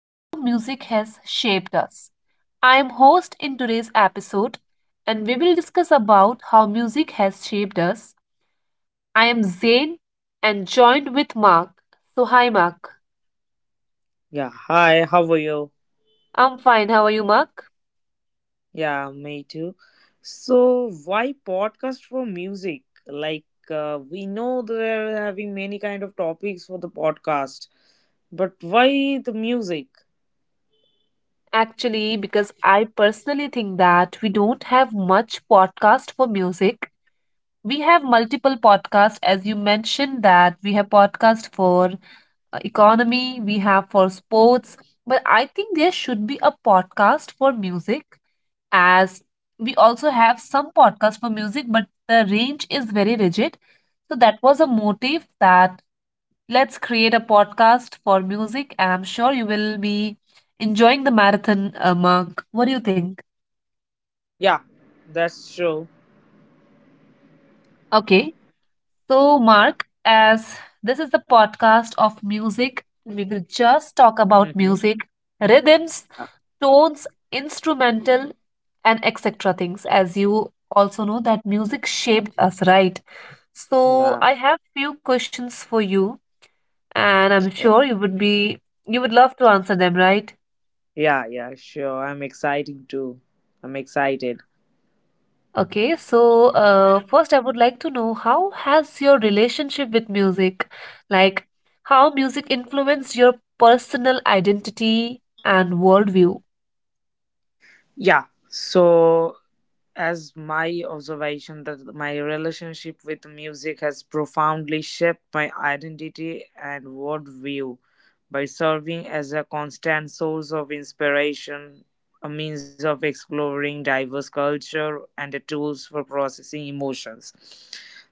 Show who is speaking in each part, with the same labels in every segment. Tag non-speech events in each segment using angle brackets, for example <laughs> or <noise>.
Speaker 1: How Music Has Shaped Us. I am host in today's episode, and we will discuss about how music has shaped us. I am Zain and joined with Mark. So, hi, Mark.
Speaker 2: Yeah, hi, how are you?
Speaker 1: I'm fine. How are you, Mark?
Speaker 2: Yeah, me too. So, why podcast for music? Like, we know they're having many kind of topics for the podcast, but why the music?
Speaker 1: Actually, because I personally think that we don't have much podcast for music. We have multiple podcasts, as you mentioned that we have podcast for economy, we have for sports, but I think there should be a podcast for music as we also have some podcasts for music, but the range is very rigid. So that was a motive that let's create a podcast for music, and I'm sure you will be enjoying the marathon, Mark. What do you think?
Speaker 2: Yeah, that's true.
Speaker 1: Okay. So,
Speaker 2: Yeah.
Speaker 1: Mark, as this is the podcast of music, we will just talk about
Speaker 2: Mm-hmm.
Speaker 1: music, rhythms, tones, instrumental, and etc. things. As you also know, that music shaped us, right? So,
Speaker 2: Yeah,
Speaker 1: I have few questions for you, and I'm sure you would love to answer them, right?
Speaker 2: yeah, sure. I'm exciting too. I'm excited.
Speaker 1: Okay, so first I would like to know how has your relationship with music, like how music influenced your personal identity and worldview?
Speaker 2: Yeah. So, as my observation that my relationship with music has profoundly shaped my identity and worldview by serving as a constant source of inspiration, a means of exploring diverse culture, and a tools for processing emotions.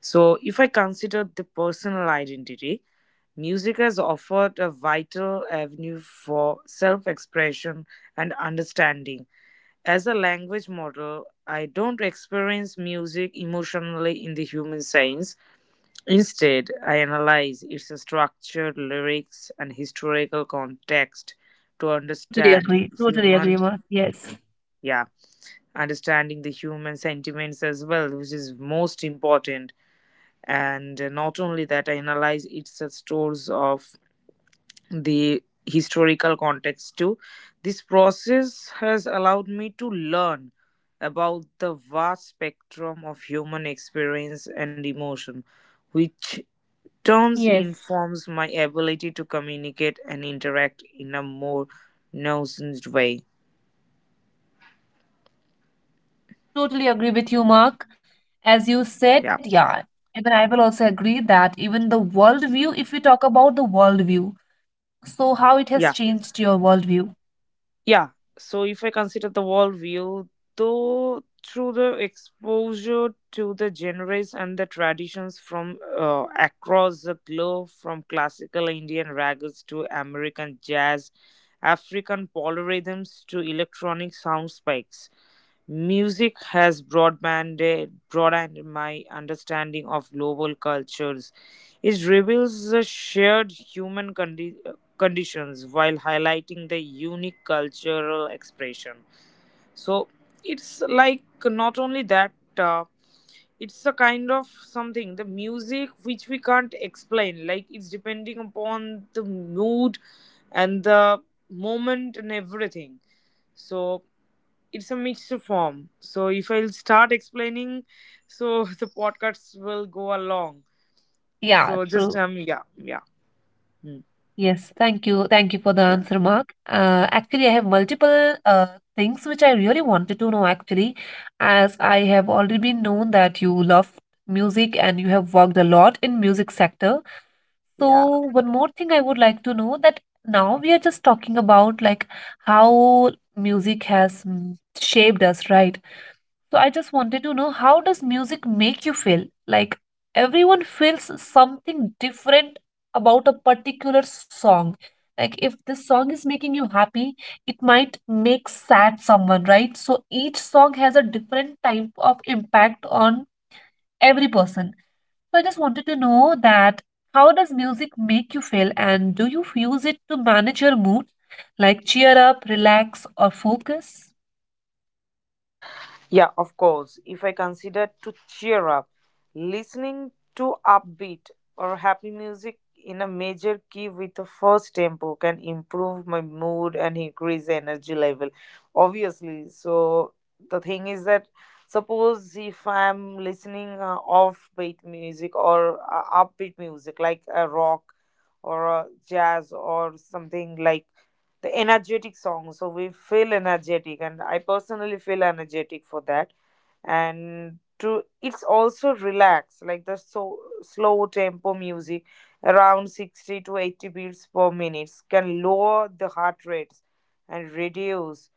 Speaker 2: So, if I consider the personal identity, music has offered a vital avenue for self expression and understanding as a language model, I don't experience music emotionally in the human sense. Instead, I analyze its structured lyrics and historical context to
Speaker 1: Totally
Speaker 2: understand
Speaker 1: agree. Totally agree,
Speaker 2: human,
Speaker 1: Mark. Yes.
Speaker 2: yeah, understanding the human sentiments as well, which is most important. And not only that, I analyze its source of the historical context too. This process has allowed me to learn about the vast spectrum of human experience and emotion, which turns
Speaker 1: Yes.
Speaker 2: informs my ability to communicate and interact in a more nuanced way.
Speaker 1: Totally agree with you, Mark. As you said,
Speaker 2: Yeah.
Speaker 1: yeah, even I will also agree that even the worldview, if we talk about the worldview, so how it has
Speaker 2: Yeah.
Speaker 1: changed your worldview.
Speaker 2: Yeah, so if I consider the world view, though through the exposure to the genres and the traditions from across the globe, from classical Indian ragas to American jazz, African polyrhythms to electronic sound spikes, music has broadened my understanding of global cultures. It reveals the shared conditions while highlighting the unique cultural expression. So it's like not only that, uh, it's a kind of something, the music which we can't explain. Like it's depending upon the mood and the moment and everything. So it's a mixed form. So if I'll start explaining, so <laughs> the podcasts will go along.
Speaker 1: Yeah,
Speaker 2: So just
Speaker 1: true.
Speaker 2: yeah, yeah. Hmm.
Speaker 1: Yes, thank you. Thank you for the
Speaker 2: Yeah.
Speaker 1: answer, Mark. Actually, I have multiple things which I really wanted to know, actually, as I have already been known that you love music and you have worked a lot in music sector. So
Speaker 2: Yeah.
Speaker 1: one more thing I would like to know that now we are just talking about like how music has shaped us, right? So I just wanted to know how does music make you feel? Like everyone feels something different about a particular song. Like if this song is making you happy, it might make sad someone, right? So each song has a different type of impact on every person. So I just wanted to know that how does music make you feel and do you use it to manage your mood? Like cheer up, relax, or focus?
Speaker 2: Yeah, of course. If I consider to cheer up, listening to upbeat or happy music in a major key with a first tempo can improve my mood and increase energy level. Obviously. So the thing is that suppose if I'm listening offbeat music or upbeat music like a rock or a jazz or something like the energetic song, so we feel energetic and I personally feel energetic for that. And to it's also relax like the so slow tempo music around 60 to 80 beats per minute can lower the heart rates and reduce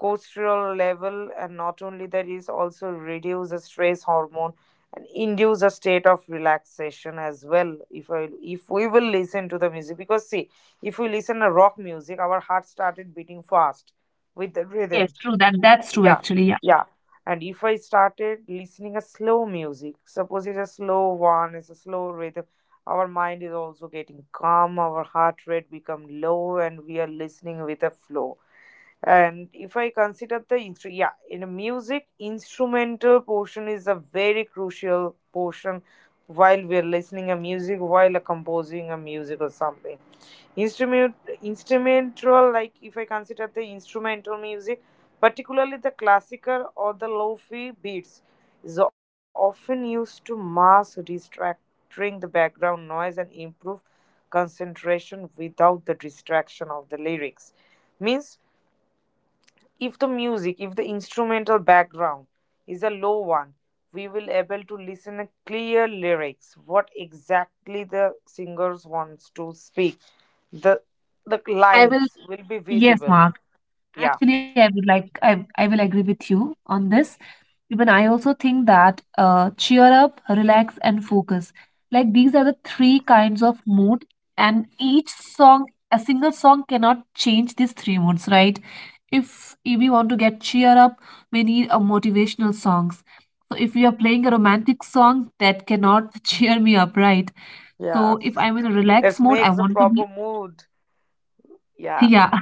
Speaker 2: cortisol level, and not only that is also reduce the stress hormone and induce a state of relaxation as well. If we will listen to the music, because see, if we listen to rock music our heart started beating fast with the rhythm.
Speaker 1: Yes, true. That's true
Speaker 2: Yeah,
Speaker 1: actually. Yeah.
Speaker 2: yeah. And if I started listening a slow music, suppose it's a slow one, it's a slow rhythm, our mind is also getting calm, our heart rate become low and we are listening with a flow. And if I consider yeah, in a music instrumental portion is a very crucial portion while we're listening a music, while composing a music or something. instrument Instrumental, like if I consider the instrumental music, particularly the classical or the lofi beats, is often used to mask distracting the background noise and improve concentration without the distraction of the lyrics. Means if the music, if the instrumental background is a low one, we will able to listen a clear lyrics, what exactly the singers wants to speak. The the
Speaker 1: I will.
Speaker 2: lines will be
Speaker 1: Yes,
Speaker 2: visible.
Speaker 1: Mark.
Speaker 2: Yeah.
Speaker 1: Actually, I would like I will agree with you on this. Even I also think that cheer up, relax, and focus. Like these are the three kinds of mood, and a single song cannot change these three moods, right? If we want to get cheer up, we need a motivational songs. So if we are playing a romantic song, that cannot <laughs> cheer me up, right? So
Speaker 2: Yeah.
Speaker 1: if I'm in a relaxed
Speaker 2: That
Speaker 1: mode, I
Speaker 2: makes a
Speaker 1: want to
Speaker 2: proper
Speaker 1: be
Speaker 2: mood. Yeah.
Speaker 1: yeah.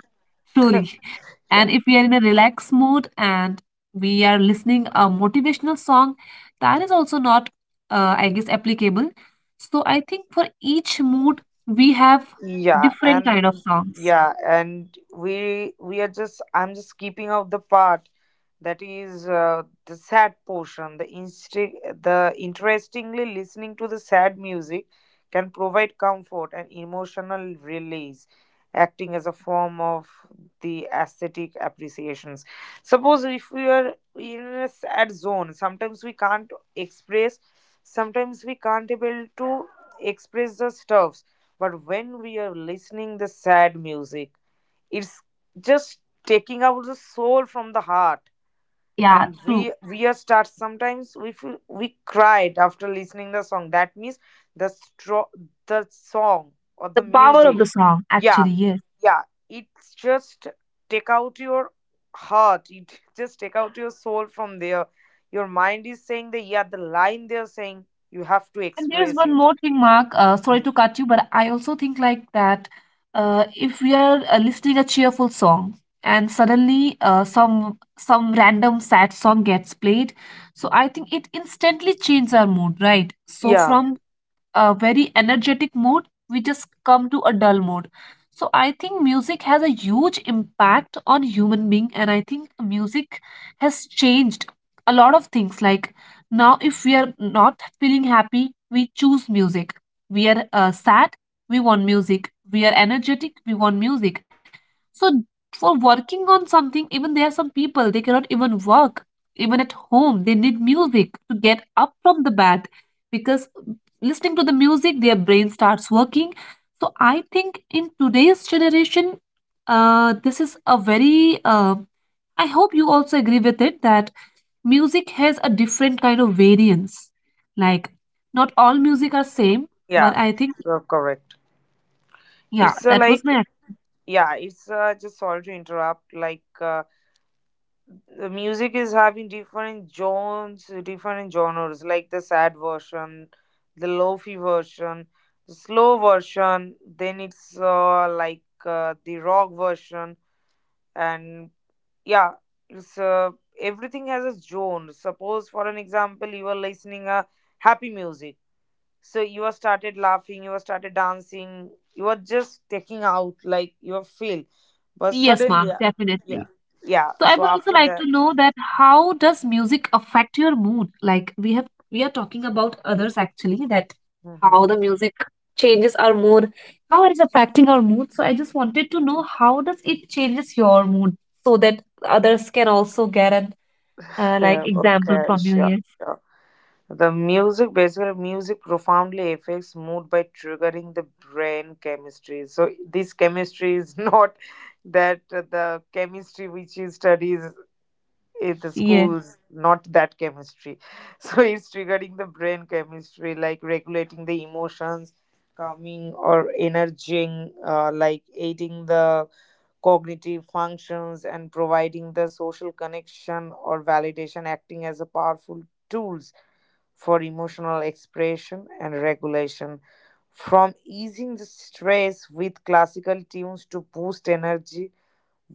Speaker 1: Truly.
Speaker 2: Yeah.
Speaker 1: And if we are in a relaxed mood and we are listening a motivational song, that is also not, I guess, applicable. So I think for each mood, we have
Speaker 2: Yeah
Speaker 1: different kind of
Speaker 2: and
Speaker 1: songs.
Speaker 2: yeah and we are just I'm just keeping out the part that is the sad portion. The interestingly listening to the sad music can provide comfort and emotional release, acting as a form of the aesthetic appreciations. Suppose if we are in a sad zone, sometimes we can't express, sometimes we can't able to express the stuffs, but when we are listening the sad music, it's just taking out the soul from the heart.
Speaker 1: Yeah,
Speaker 2: And
Speaker 1: true.
Speaker 2: we are start, sometimes we feel we cried after listening the song, that means the stro- the song or the
Speaker 1: The power of
Speaker 2: music.
Speaker 1: the song,
Speaker 2: Yeah,
Speaker 1: actually, yes.
Speaker 2: yeah. It's just take out your heart, it just take out your soul from there. Your mind is saying the, yeah, the line they're saying, you have to
Speaker 1: And there's
Speaker 2: express
Speaker 1: one
Speaker 2: it.
Speaker 1: more thing, Mark. Sorry
Speaker 2: Mm.
Speaker 1: to cut you, but I also think like that if we are listening a cheerful song and suddenly some random sad song gets played, so I think it instantly changes our mood, right? So
Speaker 2: Yeah,
Speaker 1: from a very energetic mood, we just come to a dull mood. So I think music has a huge impact on human being, and I think music has changed a lot of things. Like now, if we are not feeling happy, we choose music. We are sad, we want music. We are energetic, we want music. So for working on something, even there are some people they cannot even work. Even at home, they need music to get up from the bed because listening to the music their brain starts working. So I think in today's generation, this is a very I hope you also agree with it that music has a different kind of variance, like
Speaker 2: yeah.
Speaker 1: not all music are same, but
Speaker 2: Yeah,
Speaker 1: I think
Speaker 2: you're correct.
Speaker 1: yeah
Speaker 2: It's
Speaker 1: that was
Speaker 2: like,
Speaker 1: my
Speaker 2: yeah, it's just sorry to interrupt. Like the music is having different genres, different genres. Like the sad version, the lofi version, the slow version. Then it's like the rock version, and yeah, it's everything has a zone. Suppose for an example, you are listening a happy music, so you were started laughing, you were started dancing, you were just taking out like your feel, but
Speaker 1: yes, Mark,
Speaker 2: suddenly yeah,
Speaker 1: definitely.
Speaker 2: yeah.
Speaker 1: So I
Speaker 2: So
Speaker 1: would also
Speaker 2: after
Speaker 1: like to
Speaker 2: that,
Speaker 1: know that how does music affect your mood? Like we are talking about others actually, that how
Speaker 2: mhm.
Speaker 1: the music changes our mood, how it is affecting our mood. So I just wanted to know how does it changes your mood so that others can also get an like
Speaker 2: Yeah,
Speaker 1: example
Speaker 2: okay,
Speaker 1: from you.
Speaker 2: sure,
Speaker 1: Yes,
Speaker 2: sure the music basically music profoundly affects mood by triggering the brain chemistry. So this chemistry is <laughs> not that the chemistry which is studies in the
Speaker 1: yeah.
Speaker 2: schools, not that chemistry <laughs> so it's regarding the brain chemistry, like regulating the emotions, calming or energizing, like aiding the cognitive functions and providing the social connection or validation, acting as a powerful tools for emotional expression and regulation, from easing the stress with classical tunes to boost energy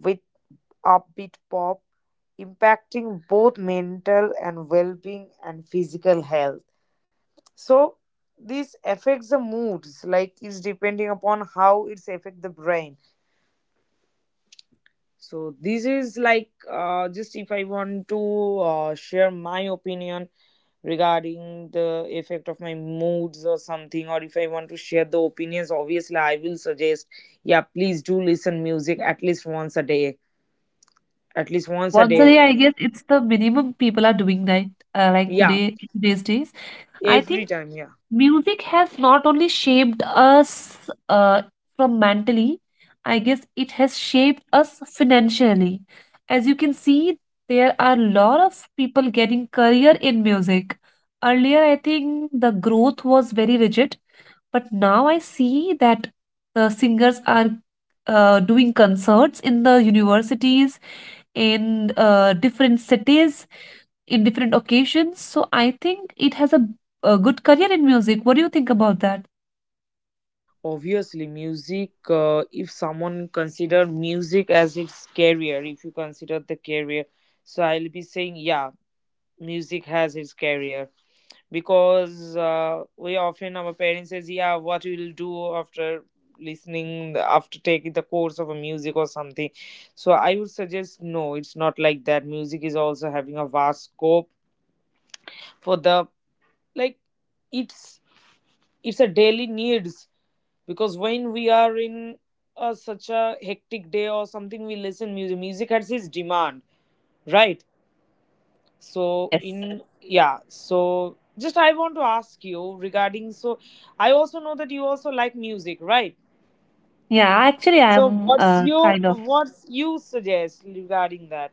Speaker 2: with upbeat pop, impacting both mental and well being and physical health. So, this affects the moods, like it's depending upon how it's affect the brain. So, this is like just if I want to share my opinion regarding the effect of my moods or something, or if I want to share the opinions, obviously I will suggest, yeah, please do listen music at least once a day. At least once a
Speaker 1: Once a
Speaker 2: day.
Speaker 1: day, I guess it's the minimum people are doing that. Like
Speaker 2: Yeah,
Speaker 1: today, today's days, I
Speaker 2: every
Speaker 1: think
Speaker 2: time. Yeah.
Speaker 1: music has not only shaped us from mentally, I guess it has shaped us financially. As you can see, there are a lot of people getting career in music. Earlier I think the growth was very rigid, but now I see that the singers are doing concerts in the universities, in different cities, in different occasions. So I think it has a good career in music. What do you think about that?
Speaker 2: Obviously music, if someone consider music as its career, if you consider the career, so I'll be saying yeah, music has its career, because we often our parents says, yeah, what you will do after listening, after taking the course of a music or something. So I would suggest no, it's not like that. Music is also having a vast scope for the, like it's, a daily needs, because when we are in a, such a hectic day or something, we listen music. Music has its demand, right? So
Speaker 1: Yes.
Speaker 2: in, yeah, so just I want to ask you regarding, so I also know that you also like music, right?
Speaker 1: Yeah, actually,
Speaker 2: So
Speaker 1: I'm
Speaker 2: what's your,
Speaker 1: kind of.
Speaker 2: what's you suggest regarding that?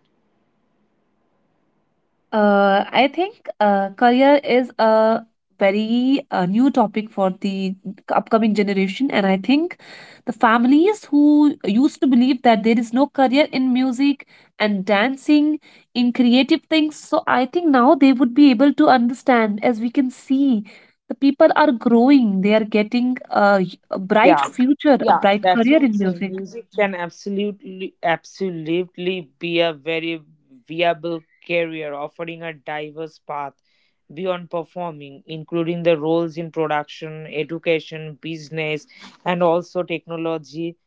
Speaker 1: I think career is a very new topic for the upcoming generation, and I think the families who used to believe that there is no career in music and dancing, in creative things, so I think now they would be able to understand. As we can see, the people are growing; they are getting a bright
Speaker 2: yeah
Speaker 1: future, a
Speaker 2: yeah
Speaker 1: bright
Speaker 2: that's what
Speaker 1: career
Speaker 2: I'm
Speaker 1: in
Speaker 2: saying,
Speaker 1: music.
Speaker 2: music can absolutely be a very viable career offering a diverse path beyond performing, including the roles in production, education, business, and also technology,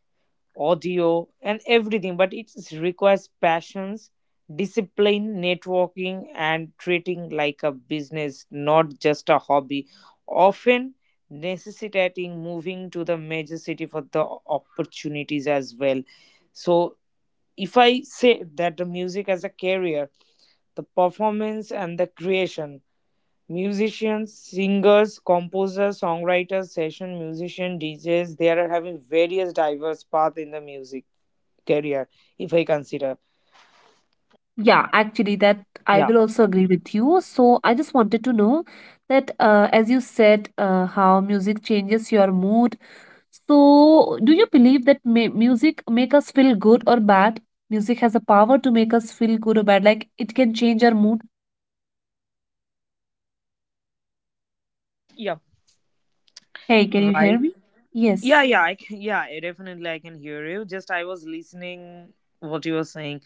Speaker 2: audio, and everything. But it requires passions, discipline, networking, and treating like a business, not just a hobby. Often necessitating moving to the major city for the opportunities as well. So, if I say that the music as a career, the performance and the creation, musicians, singers, composers, songwriters, session musician, DJs, they are having various diverse path in the music career, if I consider.
Speaker 1: Yeah, actually, that I
Speaker 2: Yeah.
Speaker 1: will also agree with you. So I just wanted to know that, as you said, how music changes your mood. So do you believe that music make us feel good or bad? Music has a power to make us feel good or bad. Like it can change our mood.
Speaker 2: Yeah.
Speaker 1: Hey, can you
Speaker 2: Right.
Speaker 1: hear me? Yes.
Speaker 2: Yeah, I can, yeah, I definitely I can hear you. Just I was listening what you were saying.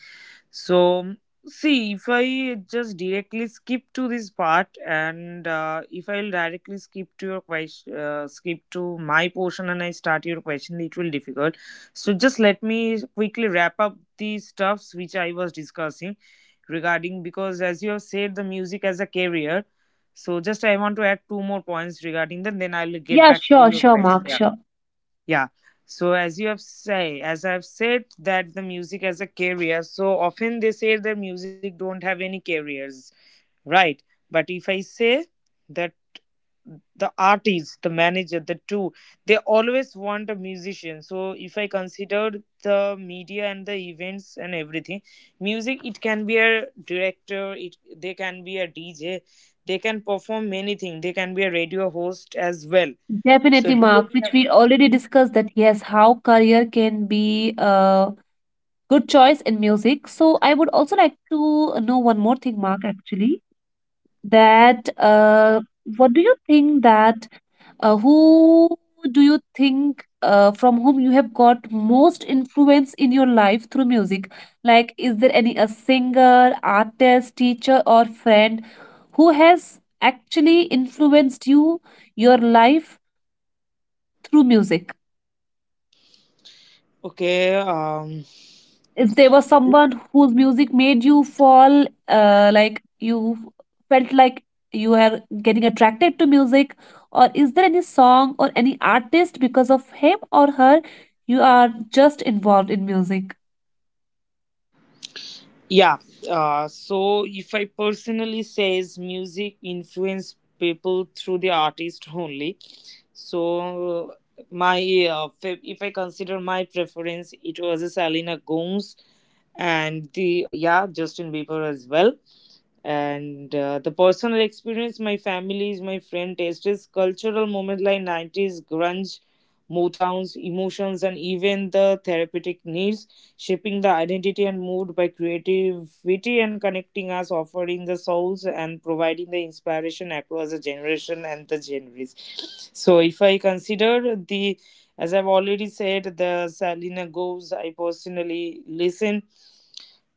Speaker 2: So, see, if I just directly skip to this part, and if I'll directly skip to your question, skip to my portion, and I start your question, it will difficult. So, just let me quickly wrap up the stuffs which I was discussing regarding, because as you have said, the music as a career. So, just I want to add two more points regarding that, then I'll get
Speaker 1: Yeah,
Speaker 2: back to your
Speaker 1: sure,
Speaker 2: question.
Speaker 1: Mark,
Speaker 2: Yeah.
Speaker 1: sure.
Speaker 2: Yeah. So as you have say, as I've said that the music as a career, so often they say that music don't have any careers, right? But if I say that the artist, the manager, the two, they always want a musician. So if I considered the media and the events and everything, music, it can be a director, it they can be a DJ, they can perform many things, they can be a radio host as well. So
Speaker 1: Definitely, Mark,
Speaker 2: depend-
Speaker 1: which we already discussed that yes, how career can be good choice in music. So I would also like to know one more thing, Mark, actually, that what do you think that who do you think from whom you have got most influence in your life through music? Like, is there any a singer, artist, teacher, or friend who has actually influenced you, your life through music?
Speaker 2: Okay,
Speaker 1: If there was someone whose music made you fall like you felt like you are getting attracted to music, or is there any song or any artist because of him or her you are just involved in music.
Speaker 2: yeah. So if I personally says music influence people through the artist only. So my if I consider my preference, it was a Selena Gomez and the Justin Bieber as well, and the personal experience, my families, my friend tastes, cultural moment like 90s grunge, motowns emotions, and even the therapeutic needs, shaping the identity and mood by creativity and connecting us, offering the souls and providing the inspiration across the generation and the genres. So if I consider the, as I've already said, the Selena goes, I personally listen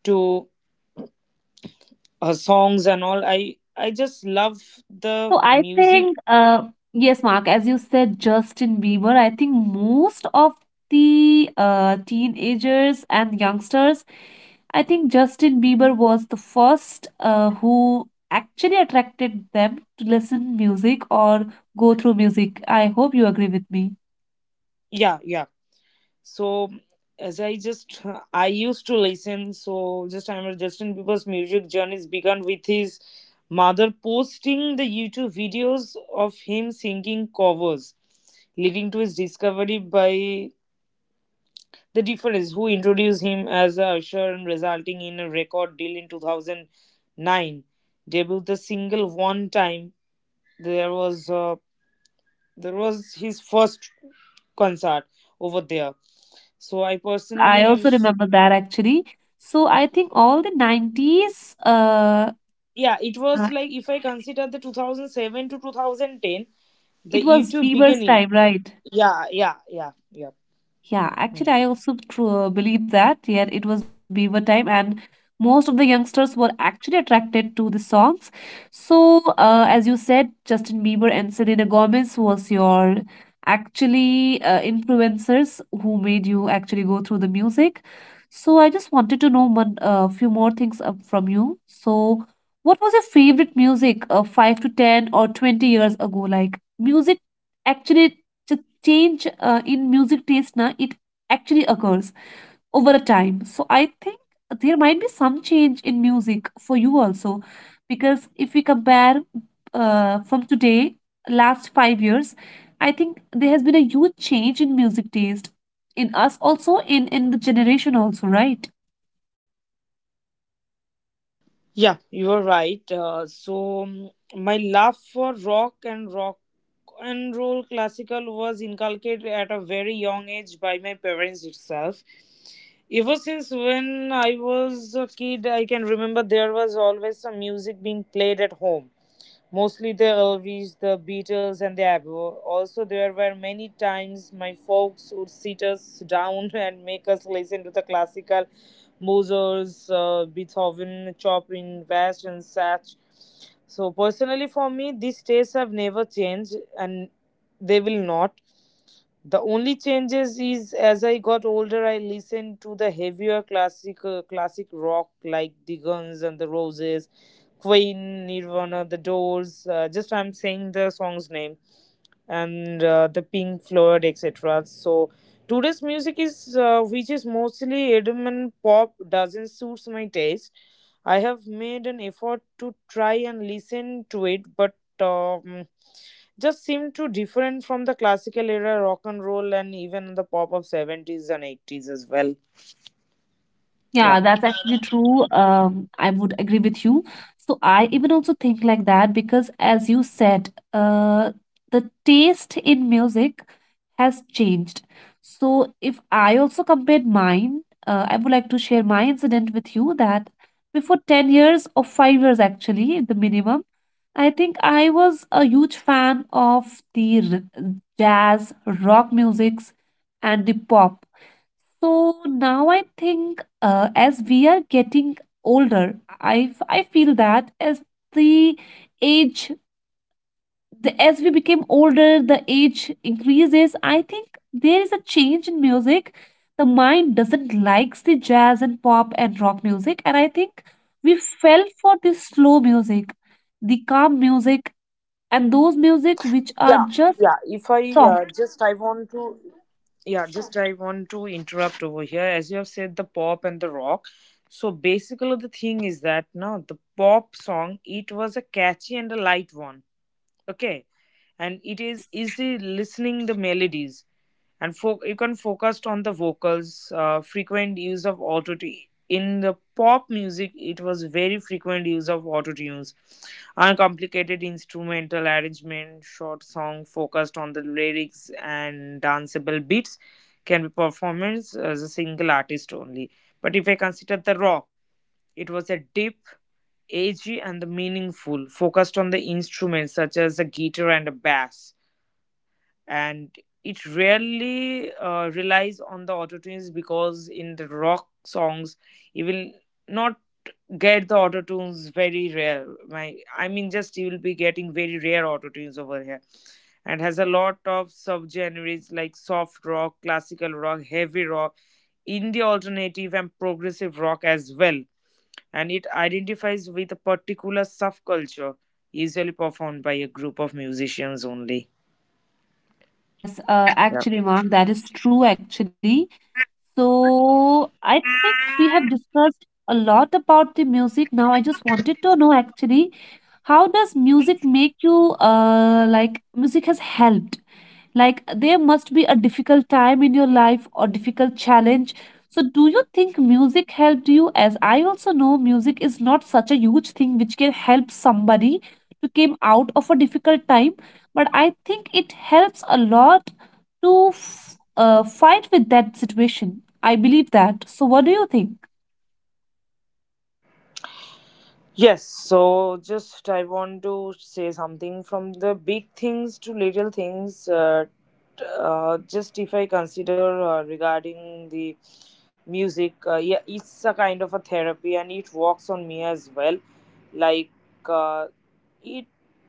Speaker 2: to her songs, and all I just love the
Speaker 1: So I
Speaker 2: music.
Speaker 1: think, yes, Mark, as you said, Justin Bieber, I think most of the teenagers and youngsters, I think Justin Bieber was the first who actually attracted them to listen music or go through music. I hope you agree with me.
Speaker 2: Yeah, yeah. So as I just I used to listen. So just I am remember Justin Bieber's music journeys began with his mother posting the YouTube videos of him singing covers, leading to his discovery by the difference who introduced him as a usher, and resulting in a record deal in 2009, debut the single one time. There was That was his first concert over there. So I
Speaker 1: Yes, I
Speaker 2: personally,
Speaker 1: also remember that actually. So I think all the 90s,
Speaker 2: yeah, it
Speaker 1: uh,
Speaker 2: was like if I consider the 2007 to 2010, the
Speaker 1: it was
Speaker 2: YouTube
Speaker 1: Bieber's
Speaker 2: beginning.
Speaker 1: time, right?
Speaker 2: Yeah, yeah, yeah, yeah.
Speaker 1: Yeah,
Speaker 2: Hmm.
Speaker 1: actually, I also tru believe that. Yeah, it was Beaver time, and most of the youngsters were actually attracted to the songs. So, as you said, Justin Bieber and Selena Gomez was your actually influencers who made you actually go through the music. So, I just wanted to know one few more things up from you. So, what was your favorite music 5 to 10 or 20 years ago? Like music actually change in music taste na, it actually occurs over a time. So I think there might be some change in music for you also, because if we compare from today last 5 years, I think there has been a huge change in music taste in us also, in the generation also, right?
Speaker 2: Yeah, you are right. So my love for rock and rock and roll classical was inculcated at a very young age by my parents itself. Ever since when I was a kid, I can remember there was always some music being played at home, mostly the Elvis, the Beatles, and the Abbo. Also, there were many times my folks would sit us down <laughs> and make us listen to the classical Mozart's, Beethoven, Chopin, Bach, and such. So, personally, for me, these tastes have never changed, and they will not. The only changes is as I got older, I listened to the heavier classic rock like the Guns and the Roses, Queen, Nirvana, The Doors. Just I'm saying the song's name, and the Pink Floyd, etc. So today's music is which is mostly EDM and pop, doesn't suits my taste. I have made an effort to try and listen to it, but um, just seem too different from the classical era rock and roll and even the pop of 70s and 80s as well. Yeah.
Speaker 1: Yeah, that's actually true. I would agree with you. So I even also think like that because, as you said, the taste in music has changed. So if I also compared mine, I would like to share my incident with you, that before 10 years or 5 years, actually, the minimum, I think I was a huge fan of the jazz, rock musics, and the pop. So now I think as we are getting older, I feel that as the age the, as we became older, the age increases. I think there is a change in music. The mind doesn't likes the jazz and pop and rock music, and I think we fell for this slow music, the calm music, and those music which are
Speaker 2: Yeah,
Speaker 1: just
Speaker 2: yeah. if I
Speaker 1: soft.
Speaker 2: just I want to Yeah, just I want to interrupt over here. As you have said, the pop and the rock, so basically the thing is that now the pop song, it was a catchy and a light one, okay, and it
Speaker 1: Yes,
Speaker 2: is easy listening, the melodies, and you can focus on the vocals, frequent use of auto tune in the pop music. It was very frequent use of auto tunes, uncomplicated instrumental arrangement, short song focused on the lyrics and danceable beats, can be performed as a single artist only. But if I consider the rock, it was a deep, edgy, and the meaningful, focused on the instruments such as a guitar and a bass, and it rarely relies on the auto tunes, because in the rock songs you will not get the auto tunes very rare, my I mean, just you will be getting very rare auto tunes over here, and has a lot of subgenres like soft rock, classical rock, heavy rock, indie, alternative, and progressive rock as well, and it identifies with a particular subculture, usually performed by a group of musicians only.
Speaker 1: yes. Actually, Mark, that is true. Actually, so I think we have discussed a lot about the music now. I just wanted to know actually, how does music make you like music has helped like there must be a difficult time in your life or difficult challenge. So do you think music helped you? As I also know music is not such a huge thing which can help somebody to came out of a difficult time, but I think it helps a lot to fight with that situation. I believe that. So what do you think?
Speaker 2: Yes, so just I want to say something from the big things to little things. Just if I consider regarding the music, yeah, it's a kind of a therapy, and it works on me as well. Like uh, it,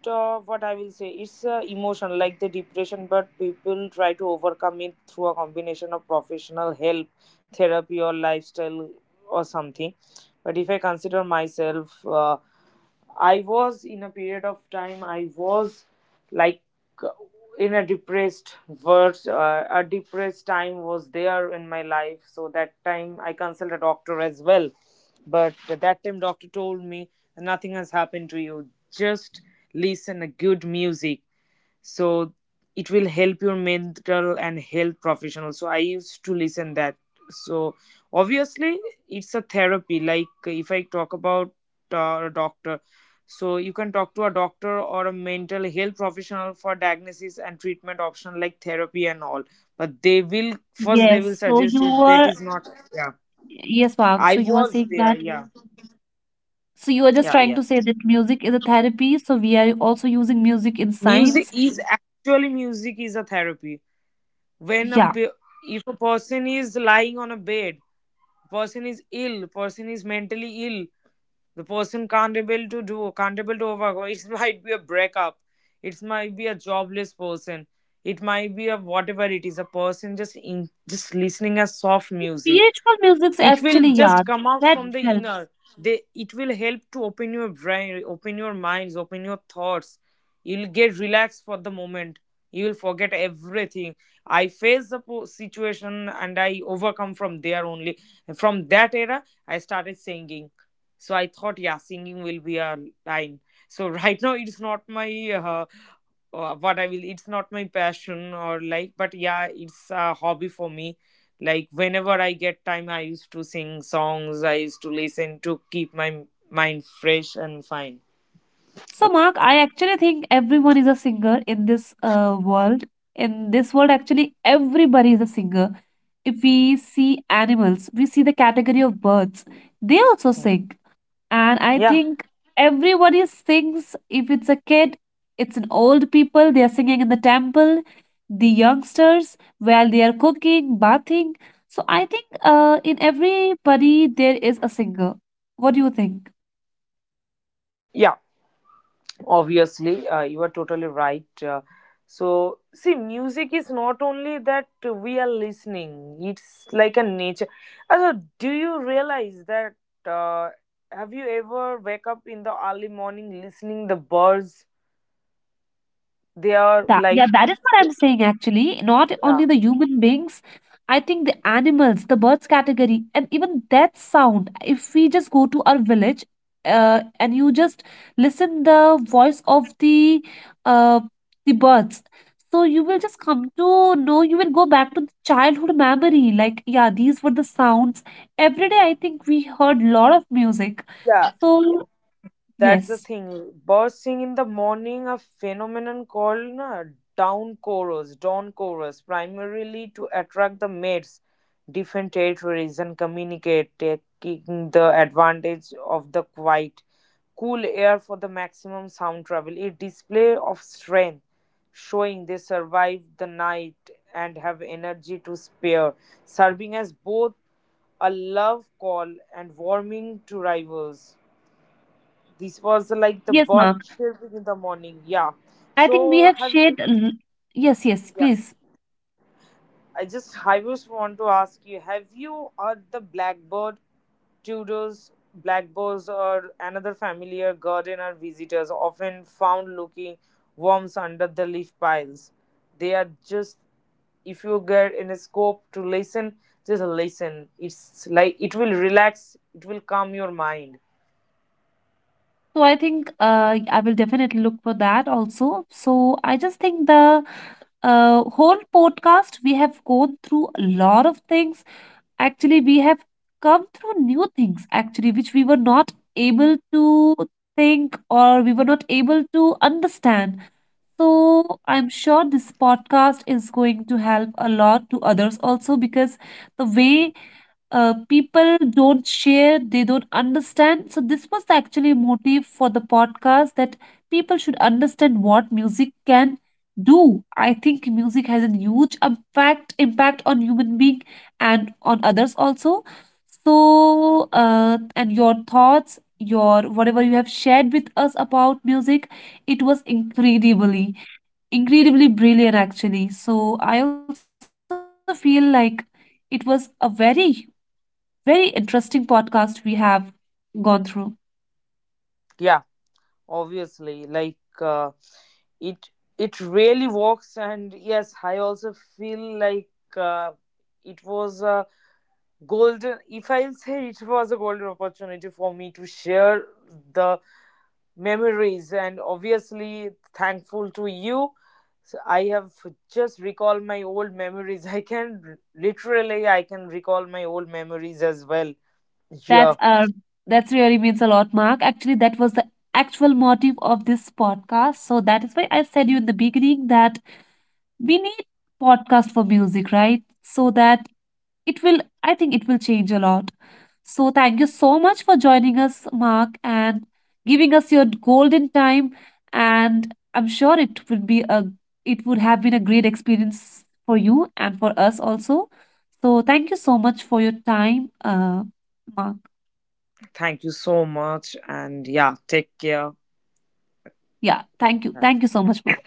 Speaker 2: what I will say, it's emotion like the depression, but people try to overcome it through a combination of professional help, therapy, or lifestyle or something. But if I consider myself. I was in a period of time, I was like in a a depressed time was there in my life. So that time I consulted a doctor as well. But at that time, doctor told me, nothing has happened to you. Just listen a good music, so it will help your mental and health professional. So I used to listen that. So obviously it's a therapy. Like if I talk about a doctor, so you can talk to a doctor or a mental health professional for diagnosis and treatment option like therapy and all, but they will first, they will
Speaker 1: Yes. So
Speaker 2: suggest
Speaker 1: you
Speaker 2: if
Speaker 1: are
Speaker 2: that is not. Yeah,
Speaker 1: yes, Mark. So
Speaker 2: I
Speaker 1: you are saying
Speaker 2: was
Speaker 1: that
Speaker 2: there, yeah.
Speaker 1: so you are just
Speaker 2: Yeah,
Speaker 1: trying
Speaker 2: yeah.
Speaker 1: to say that music is a therapy, so we are also using music in
Speaker 2: music
Speaker 1: science.
Speaker 2: is actually Music is a therapy. when a
Speaker 1: Yeah,
Speaker 2: pe- if a person is lying on a bed, person is ill, person is mentally ill, the person can't able to do. Can't able to overcome it, <laughs> might be a breakup, it might be a jobless person, it might be a whatever it is, a person just in just listening a soft music,
Speaker 1: spiritual music's
Speaker 2: it will
Speaker 1: actually, yeah,
Speaker 2: just come out
Speaker 1: that
Speaker 2: from the
Speaker 1: helps.
Speaker 2: inner. They, it will help to open your brain, open your minds, open your thoughts. You'll get relaxed for the moment, you will forget everything. I faced the po- Situation, and I overcome from there only. From that era, I started singing. So I thought, yeah, singing will be a line. So <laughs> right now it's not my what I will. It's not my passion or like, but yeah, it's a hobby for me. Like whenever I get time, I used to sing songs. I used to listen to keep my mind fresh and fine.
Speaker 1: So, Mark, I actually think everyone is a singer in this world. In this world, actually, everybody is a singer. If we see animals, we see the category of birds, they also
Speaker 2: Okay.
Speaker 1: sing. And I
Speaker 2: Yeah,
Speaker 1: think everybody sings. If it's a kid, it's an old people, they are singing in the temple. The youngsters, while they are cooking, bathing. So I think in everybody there is a singer. What do you think?
Speaker 2: yeah. Obviously, you are totally right. So see, music is not only that we are listening. It's like a nature. Also, do you realize that? Uh, have you ever wake up in the early morning listening the birds? They are
Speaker 1: That,
Speaker 2: like,
Speaker 1: yeah, that is what I'm saying actually. Not
Speaker 2: yeah,
Speaker 1: only the human beings, I think the animals, the birds category, and even that sound. If we just go to our village, and you just listen the voice of uh the birds, so you will just come to know. You will go back to the childhood memory. Like yeah, these were the sounds every day. I think we heard lot of music.
Speaker 2: yeah,
Speaker 1: So
Speaker 2: that's the
Speaker 1: yes,
Speaker 2: thing, bursting in the morning, a phenomenon called na, down chorus dawn chorus, primarily to attract the mates, different territories, and communicate, taking the advantage of the quiet cool air for the maximum sound travel, a display of strength, showing they survived the night and have energy to spare, serving as both a love call and warming to rivals. This was like the
Speaker 1: yes,
Speaker 2: bird
Speaker 1: Mark.
Speaker 2: chirping in the morning. Yeah.
Speaker 1: I think we
Speaker 2: So
Speaker 1: have
Speaker 2: have you?
Speaker 1: shared. Yes, yes,
Speaker 2: Yeah.
Speaker 1: please.
Speaker 2: I just want to ask you: have you heard the blackbird, Tudors, blackbirds, or another familiar gardener visitors often found looking worms under the leaf piles? They are just, if you get in a scope to listen, just listen. It's like it will relax. It will calm your mind.
Speaker 1: So I think I will definitely look for that also. So I just think the whole podcast we have gone through a lot of things. Actually, we have come through new things actually, which we were not able to think or we were not able to understand. So I'm sure this podcast is going to help a lot to others also, because the way people don't share, they don't understand. So, this was actually a motive for the podcast that people should understand what music can do. I think music has a huge impact impact on human being and on others also. So, and your thoughts, your whatever you have shared with us about music, it was incredibly brilliant actually. So, I also feel like it was a very interesting podcast we have gone through.
Speaker 2: Yeah, obviously, like, it it really works, and yes, I also feel like uh, it was a golden, if I'll say, it was a golden opportunity for me to share the memories, and obviously thankful to you. So I have just recalled my old memories. I can recall my old memories as well. Yeah.
Speaker 1: That's uh, that's really means a lot, Mark. Actually, that was the actual motive of this podcast. So that is why I said you in the beginning that we need podcast for music, right? So that it will, I think it will change a lot. So thank you so much for joining us, Mark, and giving us your golden time, and I'm sure it would be a, it would have been a great experience for you and for us also. So thank you so much for your time, Mark.
Speaker 2: Thank you so much, and yeah, take care.
Speaker 1: Yeah, thank you, thank you so much, Mark.